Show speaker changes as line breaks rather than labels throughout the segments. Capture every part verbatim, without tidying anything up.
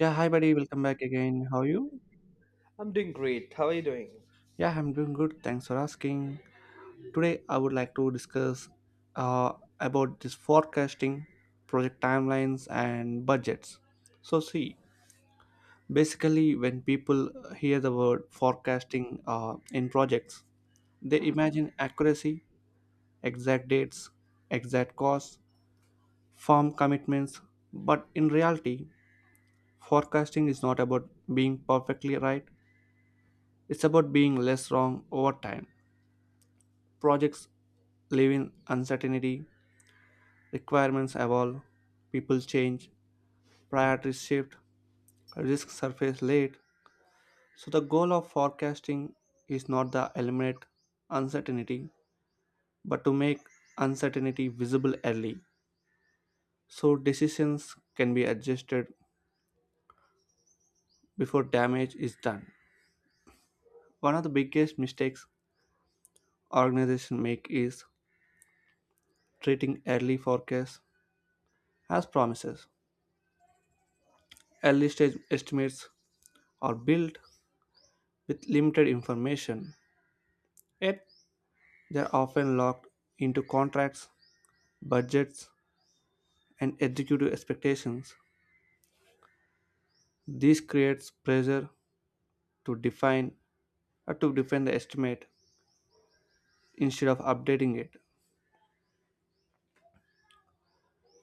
Yeah, hi buddy, welcome back again. How are you?
I'm doing great. How are you doing?
Yeah, I'm doing good. Thanks for asking. Today I would like to discuss uh, about this forecasting, project timelines and budgets. So see, basically when people hear the word forecasting uh, in projects, they imagine accuracy, exact dates, exact costs, firm commitments, but in reality, forecasting is not about being perfectly right. It's about being less wrong over time. Projects live in uncertainty, requirements evolve, people change, priorities shift, risks surface late. So, the goal of forecasting is not to eliminate uncertainty, but to make uncertainty visible early so decisions can be adjusted before damage is done. One of the biggest mistakes organizations make is treating early forecasts as promises. Early stage estimates are built with limited information. Yet, they are often locked into contracts, budgets, and executive expectations. This creates pressure to define or to defend the estimate instead of updating it.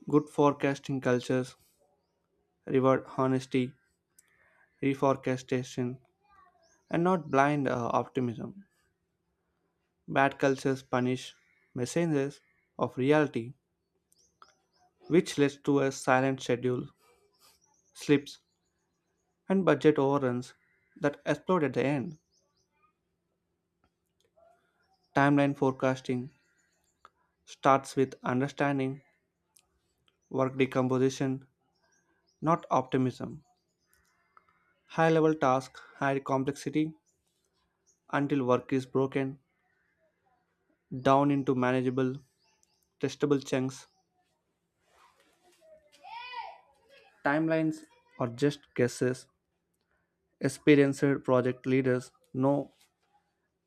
Good forecasting cultures reward honesty, reforecastation, and not blind uh, optimism. Bad cultures punish messengers of reality, which leads to a silent schedule, slips, and budget overruns that explode at the end. Timeline forecasting starts with understanding work decomposition, not optimism. High level tasks, high complexity until work is broken down into manageable, testable chunks. Timelines are just guesses. Experienced project leaders know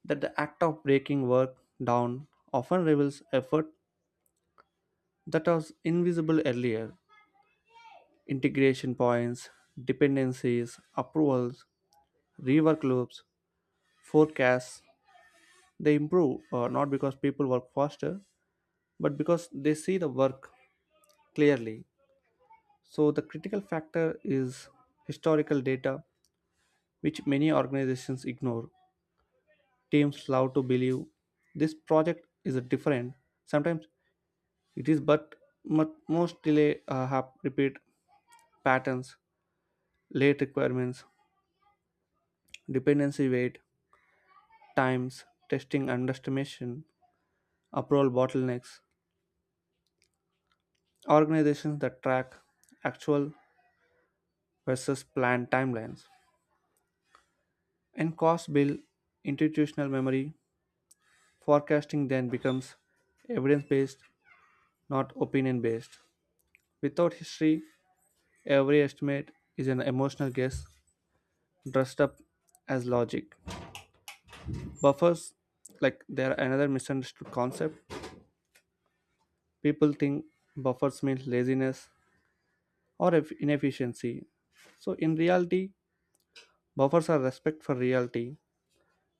that the act of breaking work down often reveals effort that was invisible earlier. Integration points, dependencies, approvals, rework loops, forecasts. They improve uh, not because people work faster, but because they see the work clearly. So, the critical factor is historical data, which many organizations ignore. Teams love to believe this project is different. Sometimes it is, but mo- most delay uh, have repeat patterns, late requirements, dependency weight, times, testing underestimation, approval bottlenecks, organizations that track actual versus planned timelines, and cost bill institutional memory, forecasting then becomes evidence based, not opinion based. Without history, every estimate is an emotional guess dressed up as logic. Buffers, like they're another misunderstood concept. People think buffers means laziness or eff- inefficiency. So in reality, buffers are respect for reality.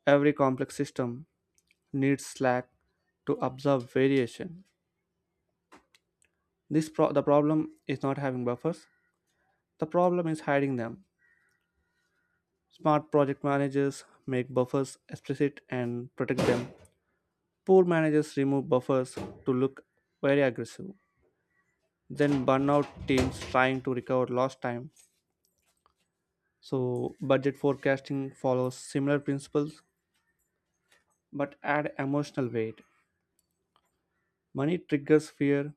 Every complex system needs slack to absorb variation. This pro- the problem is not having buffers. The problem is hiding them. Smart project managers make buffers explicit and protect them. Poor managers remove buffers to look very aggressive. Then burnout teams trying to recover lost time. So budget forecasting follows similar principles but add emotional weight. Money triggers fear,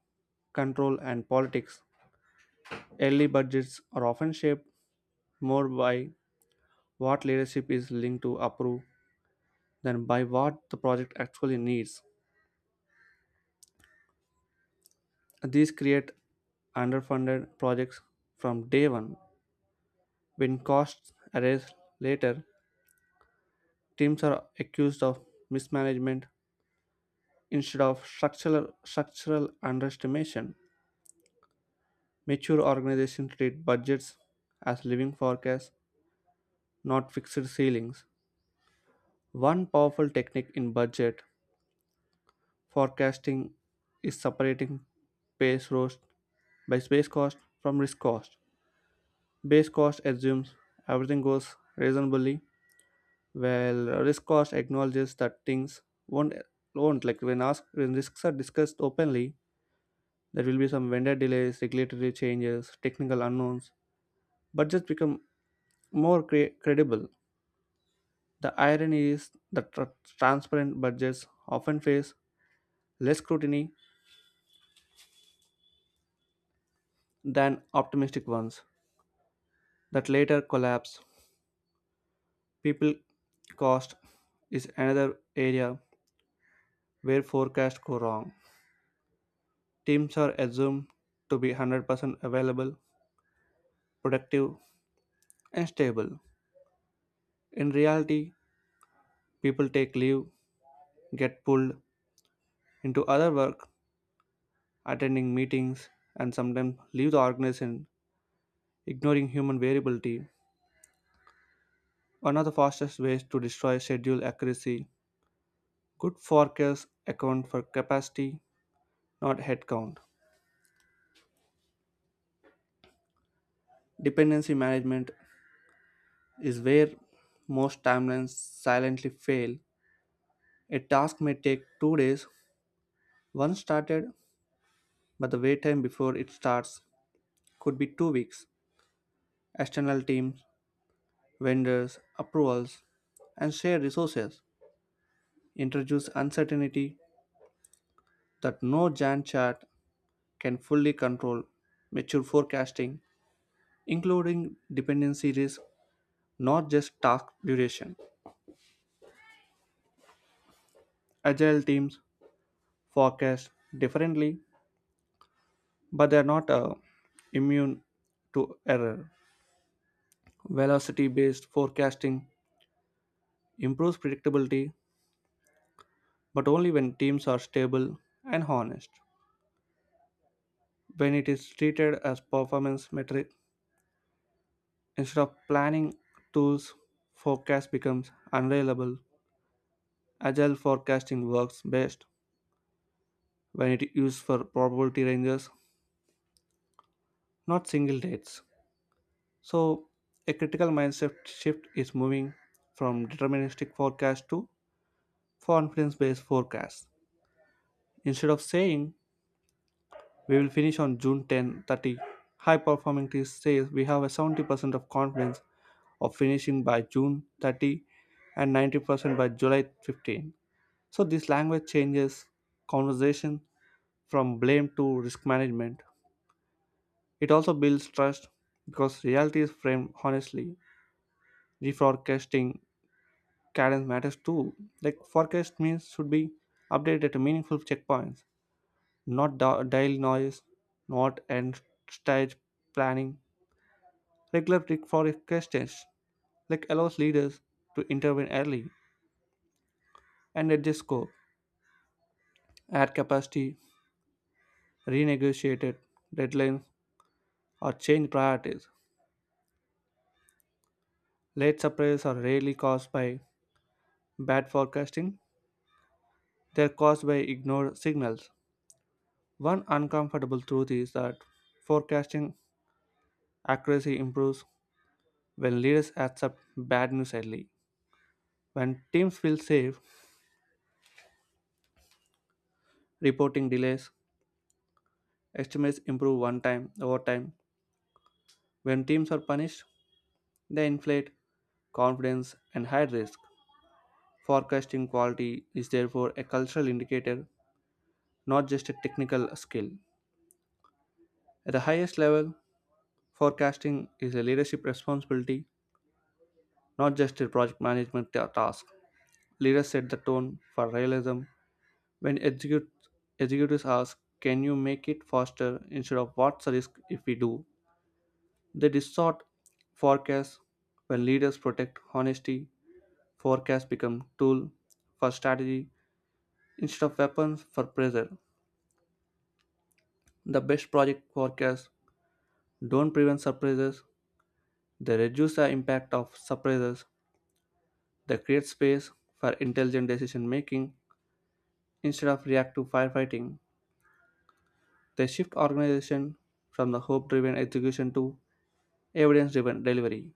control, and politics. Early budgets are often shaped more by what leadership is willing to approve than by what the project actually needs. These create underfunded projects from day one. When costs arise later, teams are accused of mismanagement instead of structural structural underestimation. Mature organizations treat budgets as living forecasts, not fixed ceilings. One powerful technique in budget forecasting is separating base cost by space cost from risk cost. Base cost assumes everything goes reasonably, while risk cost acknowledges that things won't won't like when asked when risks are discussed openly, there will be some vendor delays, regulatory changes, technical unknowns. Budgets become more cre- credible. The irony is that tr- transparent budgets often face less scrutiny than optimistic ones that later collapse. People cost is another area where forecasts go wrong. Teams are assumed to be one hundred percent available, productive, and stable. In reality, people take leave, get pulled into other work, attending meetings, and sometimes leave the organization, ignoring human variability. One of the fastest ways to destroy schedule accuracy, good forecasts account for capacity, not headcount. Dependency management is where most timelines silently fail. A task may take two days once started, but the wait time before it starts could be two weeks. External teams, vendors, approvals, and shared resources introduce uncertainty that no Gantt chart can fully control. Mature forecasting, including dependency risk, not just task duration. Agile teams forecast differently, but they are not uh, immune to error. Velocity based forecasting improves predictability, but only when teams are stable and honest. When it is treated as performance metric instead of planning tools, forecast becomes unreliable. Agile forecasting works best when it is used for probability ranges, not single dates. So, a critical mindset shift is moving from deterministic forecast to confidence based forecast. Instead of saying we will finish on June tenth, thirty, high performing teams say we have a seventy percent of confidence of finishing by June thirtieth and ninety percent by July fifteenth. So this language changes conversation from blame to risk management. It also builds trust because reality is framed honestly. Reforecasting cadence matters too. Like forecast means should be updated at meaningful checkpoints. Not da- dial noise, not and stage planning. Regular trick for questions like allows leaders to intervene early and adjust scope, add capacity, renegotiated deadlines, or change priorities. Late surprises are rarely caused by bad forecasting; they are caused by ignored signals. One uncomfortable truth is that forecasting accuracy improves when leaders accept bad news early. When teams feel safe, reporting delays estimates improve one time over time. When teams are punished, they inflate confidence and hide risk. Forecasting quality is therefore a cultural indicator, not just a technical skill. At the highest level, forecasting is a leadership responsibility, not just a project management ta- task. Leaders set the tone for realism when execute, executives ask, can you make it faster instead of what's the risk if we do? They distort forecasts when leaders protect honesty. Forecasts become tool for strategy instead of weapons for pressure. The best project forecasts don't prevent surprises. They reduce the impact of surprises. They create space for intelligent decision making instead of reactive firefighting. They shift organization from the hope driven execution to evidence driven delivery.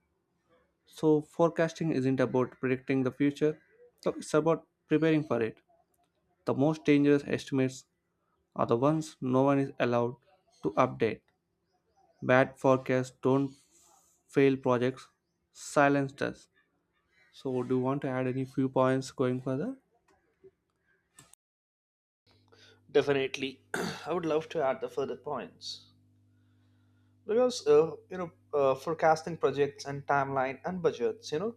So, forecasting isn't about predicting the future, so it's about preparing for it. The most dangerous estimates are the ones no one is allowed to update. Bad forecasts don't fail projects, silence does. So, do you want to add any few points going further?
Definitely. I would love to add the further points because uh, you know uh, forecasting projects and timeline and budgets. You know,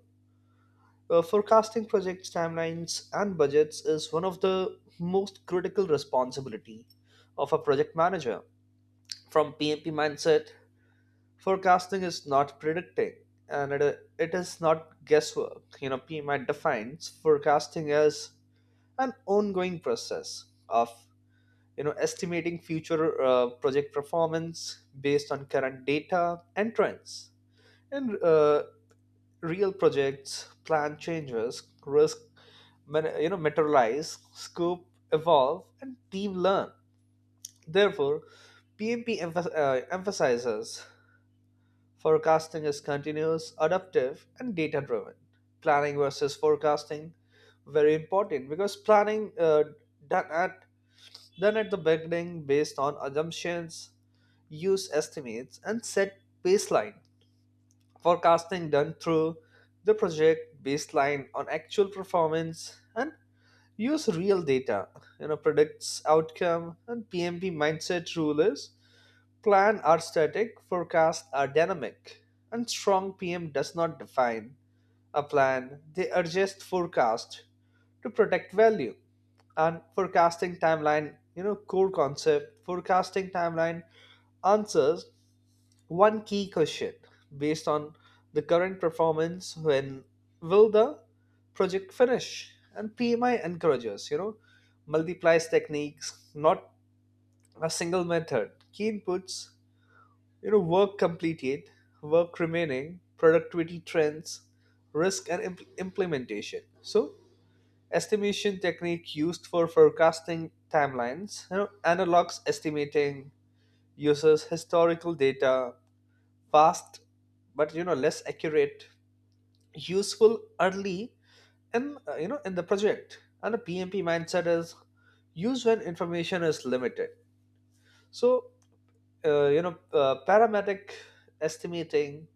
uh, Forecasting projects, timelines, and budgets is one of the most critical responsibility of a project manager. From P M P mindset, forecasting is not predicting, and it, it is not guesswork. You know, P M I defines forecasting as an ongoing process of you know estimating future uh, project performance based on current data and trends, and uh, real projects plan changes, risk man- you know materialize, scope evolve, and team learn. Therefore PMP emph- uh, emphasizes forecasting is continuous, adaptive, and data driven. Planning versus forecasting, very important because planning uh, done at done at the beginning based on assumptions, use estimates, and set baseline. Forecasting done through the project baseline on actual performance and use real data, you know predicts outcome. And PMP mindset rule is, plan are static, forecast are dynamic, and strong PM does not define a plan, they adjust forecast to protect value. And forecasting timeline, you know core concept: forecasting timeline answers one key question based on the current performance, when will the project finish? And P M I encourages, you know, multiplies techniques, not a single method. Key inputs, you know, work completed, work remaining, productivity trends, risk, and imp- implementation. So, estimation technique used for forecasting timelines, you know, analogs estimating, uses historical data, fast but you know less accurate, useful early and uh, you know in the project. And the PMP mindset is, used when information is limited. So uh, you know uh, parametric estimating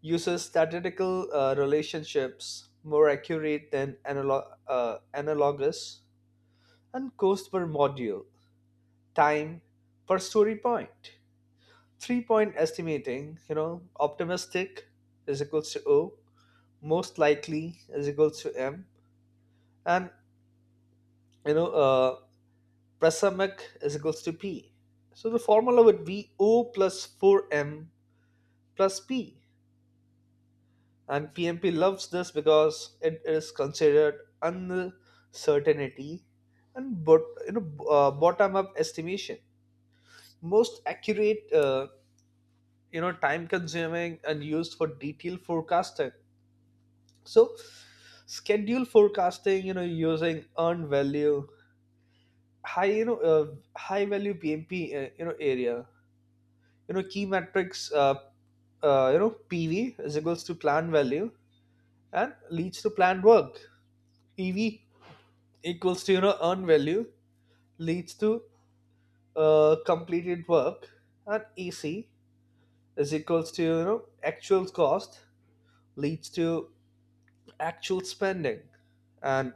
uses statistical uh, relationships, more accurate than analog uh, analogous, and cost per module, time per story point. Three point estimating, you know optimistic is equals to O, most likely is equals to M, and you know uh, prasamic is equals to P. So the formula would be O plus four M plus P. And PMP loves this because it is considered uncertainty. And but you know uh, bottom up estimation, most accurate, uh, you know time consuming, and used for detailed forecasting. So schedule forecasting, you know using earned value, high you know uh, high value P M P uh, you know area. You know key metrics, uh, uh, you know P V is equals to plan value and leads to planned work. P V equals to you know earned value, leads to uh, completed work. And E C is equals to you know actual cost, leads to actual spending. And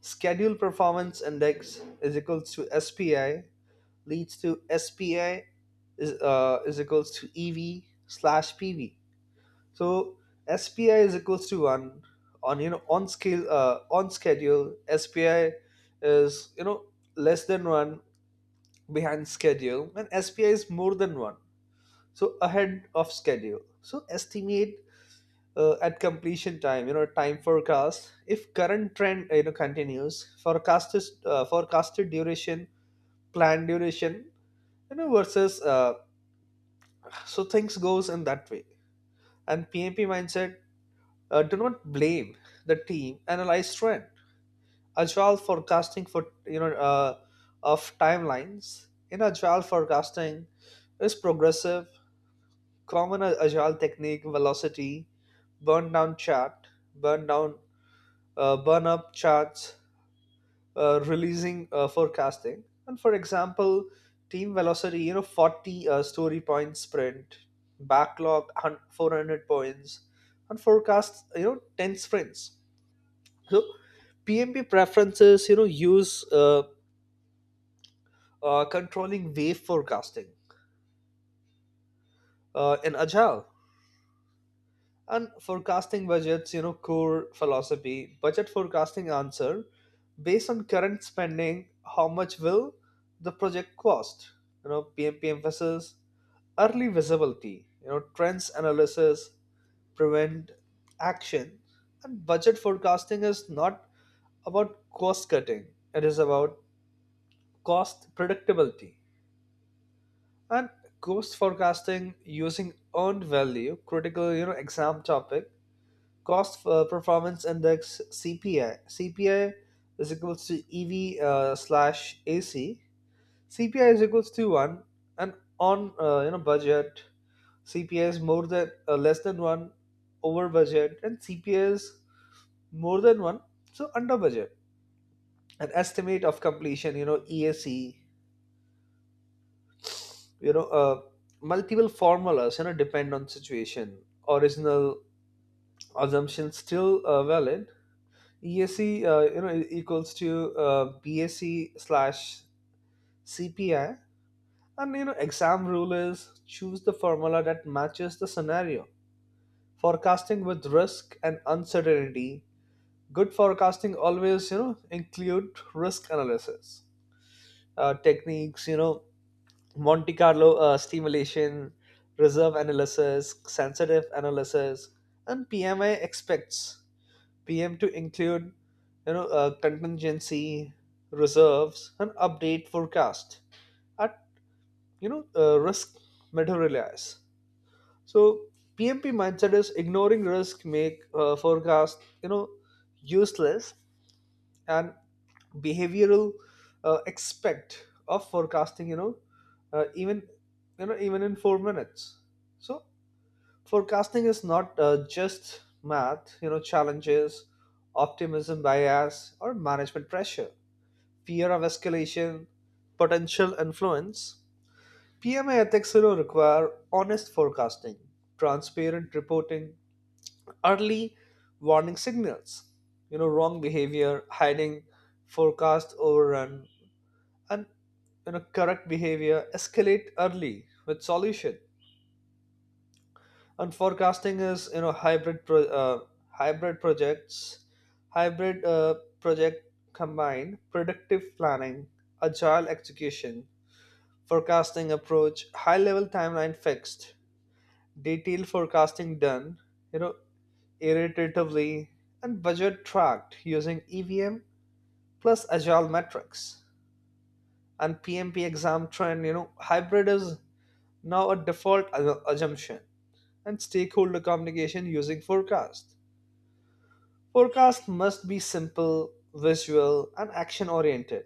schedule performance index is equals to S P I, leads to S P I is uh, is equals to EV slash P V. So S P I is equals to one, on you know on scale, uh, on schedule. S P I is you know less than one, behind schedule, and S P I is more than one, so ahead of schedule. So estimate uh, at completion time. You know time forecast. If current trend you know continues, forecasted uh, forecasted duration, planned duration, you know versus uh, so things goes in that way. And PMP mindset, uh, do not blame the team, analyze trend. Agile forecasting for you know uh, of timelines, in agile forecasting is progressive. Common a- agile technique: velocity, burn down chart, burn down uh, burn up charts, uh, releasing uh, forecasting. And for example, team velocity you know forty uh, story point sprint backlog, hun- four hundred points, and forecast you know ten sprints. So PMP preferences, you know use uh, uh, controlling wave forecasting uh, in agile. And forecasting budgets, you know core philosophy: budget forecasting answer based on current spending, how much will the project cost. you know PMP emphasis early visibility, you know, trends analysis, prevent action. And budget forecasting is not about cost cutting. It is about cost predictability. And cost forecasting using earned value, critical, you know, exam topic, cost uh, performance index C P I. CPI is equals to EV uh, slash A C. C P I is equals to one, and on uh, you know budget. C P I is more than uh, less than one, over budget, and C P I is more than one, so under budget. An estimate of completion, you know, E A C, you know, uh, multiple formulas, you know, depend on situation. Original assumption still uh, valid. E A C, uh, you know, e- equals to uh, B A C slash C P I. And you know, exam rule is, choose the formula that matches the scenario. Forecasting with risk and uncertainty, good forecasting always you know include risk analysis uh, techniques, you know monte carlo uh, stimulation, reserve analysis, sensitive analysis. And PMI expects PM to include you know uh, contingency reserves, and update forecast at you know uh, risk materialize. So PMP mindset is, ignoring risk make uh, forecast you know useless. And behavioral uh, aspect of forecasting, you know uh, even you know even in four minutes. So forecasting is not uh, just math, you know challenges: optimism bias or management pressure, fear of escalation, potential influence. P M A ethics, you know require honest forecasting, transparent reporting, early warning signals. You know wrong behavior, hiding forecast overrun. And you know correct behavior, escalate early with solution. And forecasting is, you know hybrid pro- uh, hybrid projects. Hybrid uh, project combine predictive planning, agile execution, forecasting approach. High level timeline fixed, detailed forecasting done you know iteratively. And budget tracked using E V M plus agile metrics. And PMP exam trend, you know hybrid is now a default as- assumption. And stakeholder communication using forecast, forecast must be simple, visual, and action oriented.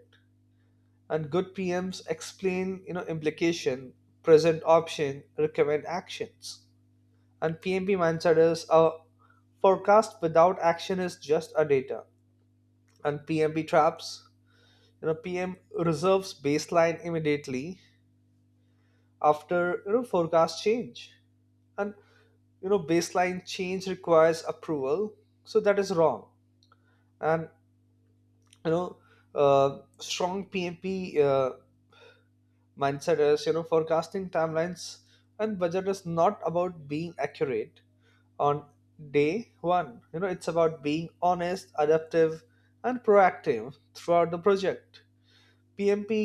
And good PMs explain, you know implication, present option, recommend actions. And PMP mindset is, a forecast without action is just a data. And PMP traps, you know PM reserves baseline immediately after you know forecast change, and you know baseline change requires approval, so that is wrong. And you know uh, strong PMP uh, mindset is, you know forecasting timelines and budget is not about being accurate on day one. You know it's about being honest, adaptive, and proactive throughout the project. PMP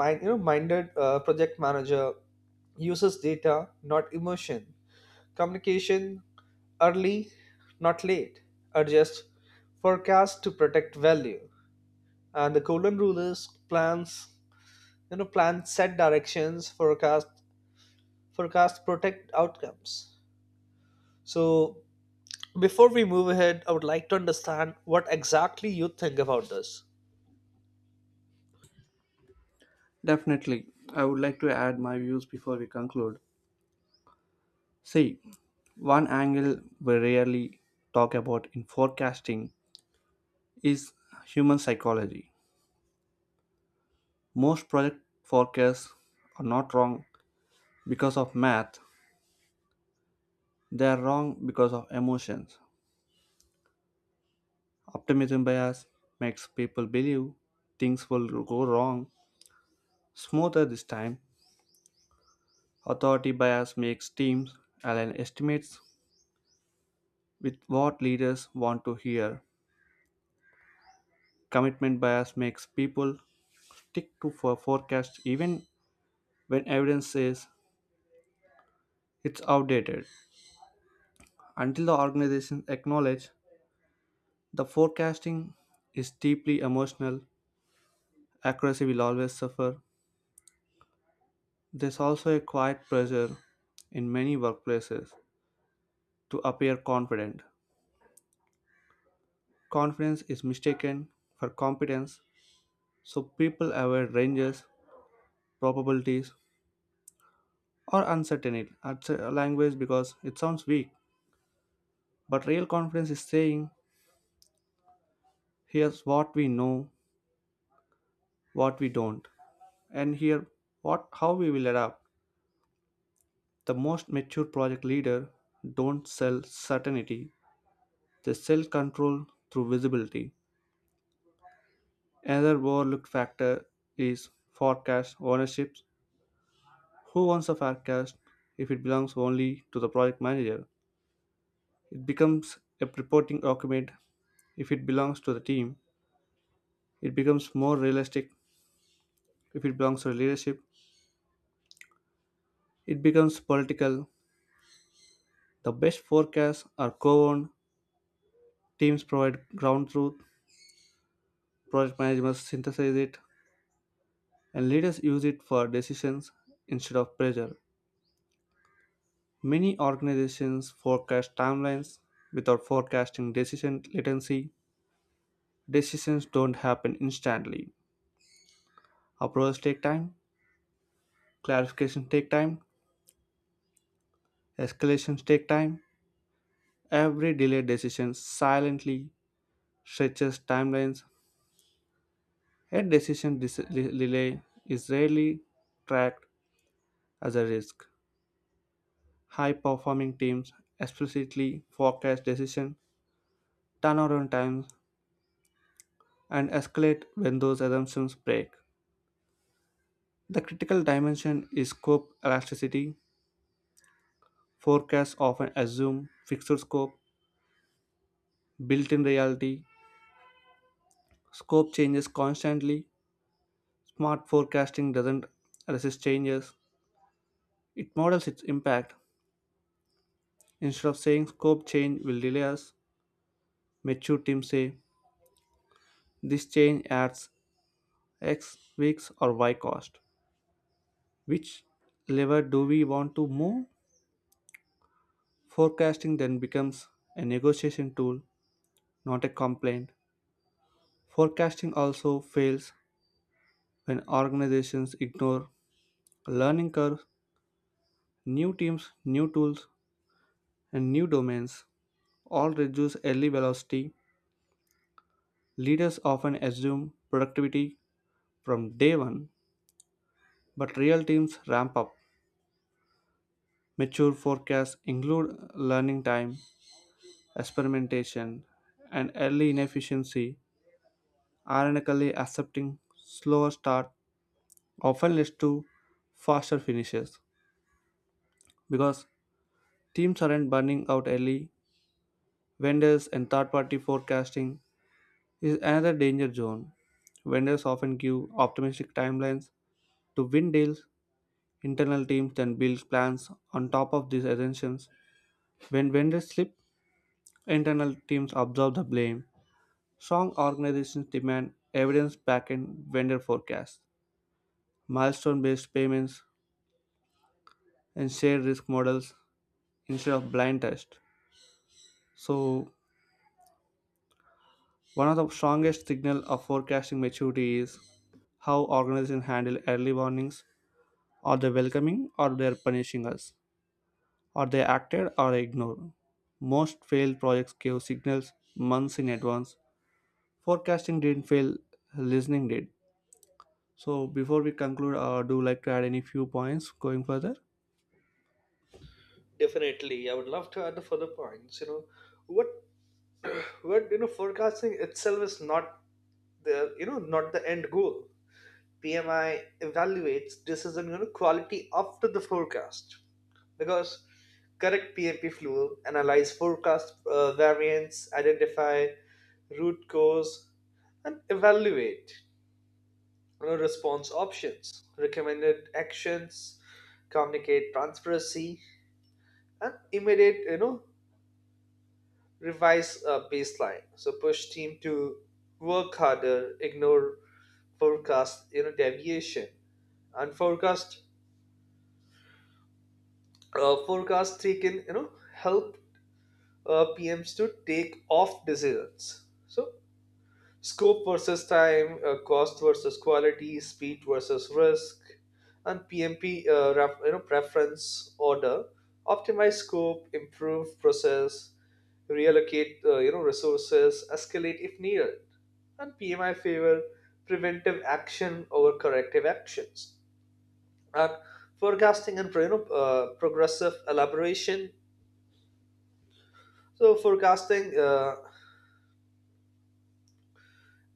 mind you know minded uh, project manager uses data, not emotion. Communication early, not late. Adjust forecast to protect value. And the golden rule is, plans, you know, plan set directions, forecast, forecast protect outcomes. So before we move ahead, I would like to understand what exactly you think about this.
Definitely. I would like to add my views before we conclude. See, one angle we rarely talk about in forecasting is human psychology. Most project forecasts are not wrong because of math, they are wrong because of emotions. Optimism bias makes people believe things will go wrong smoother this time. Authority bias makes teams align estimates with what leaders want to hear. Commitment bias makes people stick to for forecasts even when evidence says it's outdated. Until the organizations acknowledge the forecasting is deeply emotional, accuracy will always suffer. There's also a quiet pressure in many workplaces to appear confident. Confidence is mistaken for competence, so people avoid ranges, probabilities, or uncertainty at a language because it sounds weak. But real confidence is saying, here's what we know, what we don't, and here what how we will adapt. The most mature project leader don't sell certainty, they sell control through visibility. Another overlooked factor is forecast ownerships. Who wants a forecast if it belongs only to the project manager? It becomes a reporting document if it belongs to the team. It becomes more realistic if it belongs to leadership. It becomes political. The best forecasts are co owned, teams provide ground truth, project managers synthesize it, and leaders use it for decisions instead of pressure. Many organizations forecast timelines without forecasting decision latency. Decisions don't happen instantly. Approvals take time, clarifications take time, escalations take time. Every delayed decision silently stretches timelines. A decision dis- de- delay is rarely tracked as a risk. High performing teams explicitly forecast decision turnaround times and escalate when those assumptions break. The critical dimension is scope elasticity. Forecasts often assume fixed scope, built in reality. Scope changes constantly. Smart forecasting doesn't resist changes, it models its impact. Instead of saying scope change will delay us, mature teams say this change adds X weeks or Y cost. Which lever do we want to move? Forecasting then becomes a negotiation tool, not a complaint. Forecasting also fails when organizations ignore learning curves, new teams, new tools, and new domains all reduce early velocity. Leaders often assume productivity from day one, but real teams ramp up. Mature forecasts include learning time, experimentation, and early inefficiency. Ironically, accepting slower start often leads to faster finishes because teams aren't burning out early. Vendors and third party forecasting is another danger zone. Vendors often give optimistic timelines to win deals. Internal teams then build plans on top of these assumptions. When vendors slip, internal teams absorb the blame. Strong organizations demand evidence backed vendor forecasts, milestone based payments, and shared risk models instead of blind trust. So, one of the strongest signals of forecasting maturity is how organizations handle early warnings. Are they welcoming or they're punishing us? Are they acted or ignored? Most failed projects give signals months in advance. Forecasting didn't fail, listening did. So before we conclude, uh, do you like to add any few points going further?
Definitely, I would love to add the further points. You know, what, what you know, forecasting itself is not the you know not the end goal. P M I evaluates decision, you know, quality after the forecast because correct P M P flow, analyze forecast uh, variance, identify root cause, and evaluate, you know, response options, recommended actions, communicate transparency, and immediate, you know revise uh, baseline. So push team to work harder, ignore forecast you know deviation, and forecast uh, forecasting can you know help uh, P Ms to take off decisions. So scope versus time, uh, cost versus quality, speed versus risk, and P M P uh, ref, you know preference order: optimize scope, improve process, reallocate uh, you know resources, escalate if needed, and P M I favor preventive action over corrective actions. And forecasting and, you know, uh, progressive elaboration. So forecasting uh,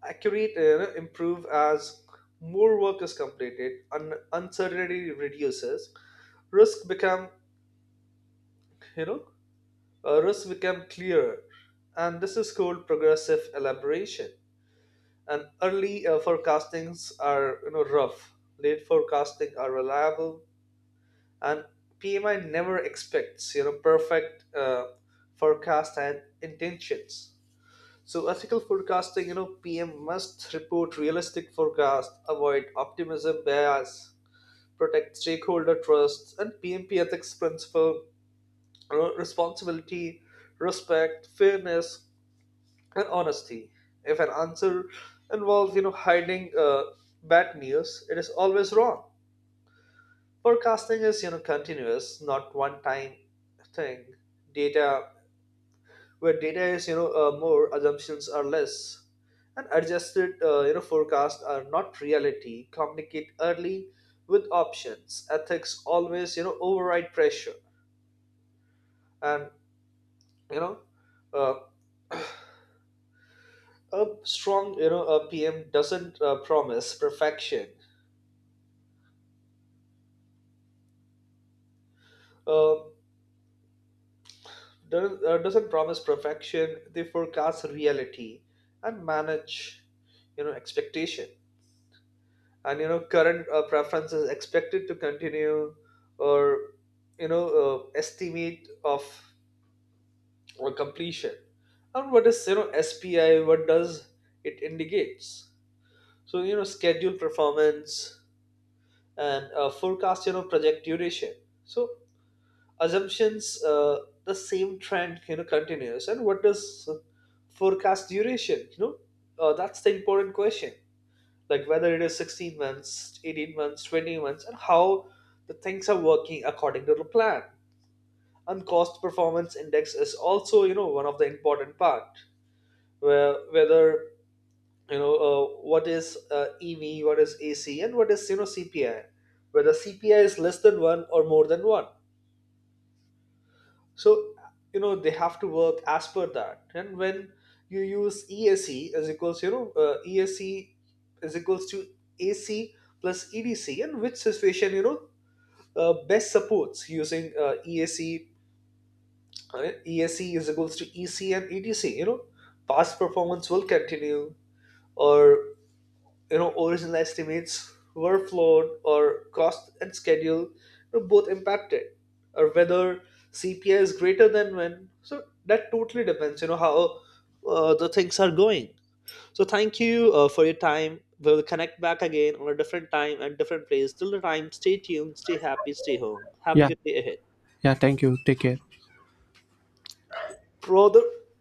accurate uh, improve as more work is completed, un- uncertainty reduces, risk become you know uh, risk become clearer, and this is called progressive elaboration. And early uh, forecastings are, you know rough, late forecasting are reliable, and P M I never expects, you know perfect uh, forecast and intentions. So ethical forecasting, you know, P M must report realistic forecast, avoid optimism bias, protect stakeholder trust, and P M P ethics principle, you know, responsibility, respect, fairness, and honesty. If an answer involves, you know, hiding uh, bad news, it is always wrong. Forecasting is, you know, continuous, not one-time thing. Data, where data is, you know uh, more assumptions are less, and adjusted, uh, you know forecasts are not reality, communicate early with options, ethics always, you know override pressure. And you know uh, a strong, you know a PM doesn't uh, promise perfection, uh, doesn't uh, doesn't promise perfection. They forecast reality and manage, you know expectation. And you know current uh, preferences expected to continue, or you know uh, estimate of or completion. And what is, you know SPI, what does it indicates? So, you know schedule performance, and uh, forecast, you know project duration. So assumptions, uh, the same trend, you know continues. And what does forecast duration, you know uh, that's the important question, like whether it is sixteen months, eighteen months, twenty months, and how the things are working according to the plan. And cost performance index is also, you know one of the important part, where whether you know uh, what is uh, E V, what is A C, and what is, you know C P I, whether C P I is less than one or more than one. So you know they have to work as per that. And when you use E S E as equals, you know uh, E S C is equals to A C plus E D C, and which situation, you know uh, best supports using uh, E S E, uh, E S C is equals to E C and E D C, you know past performance will continue, or you know original estimates were flawed, or cost and schedule were both impacted, or whether C P I is greater than when. So that totally depends, you know how uh, the things are going. So thank you uh, for your time. We'll connect back again on a different time and different place. Till the time, stay tuned, stay happy, stay home. Have a
Yeah,
good day ahead,
yeah, thank you. Take care.
brother.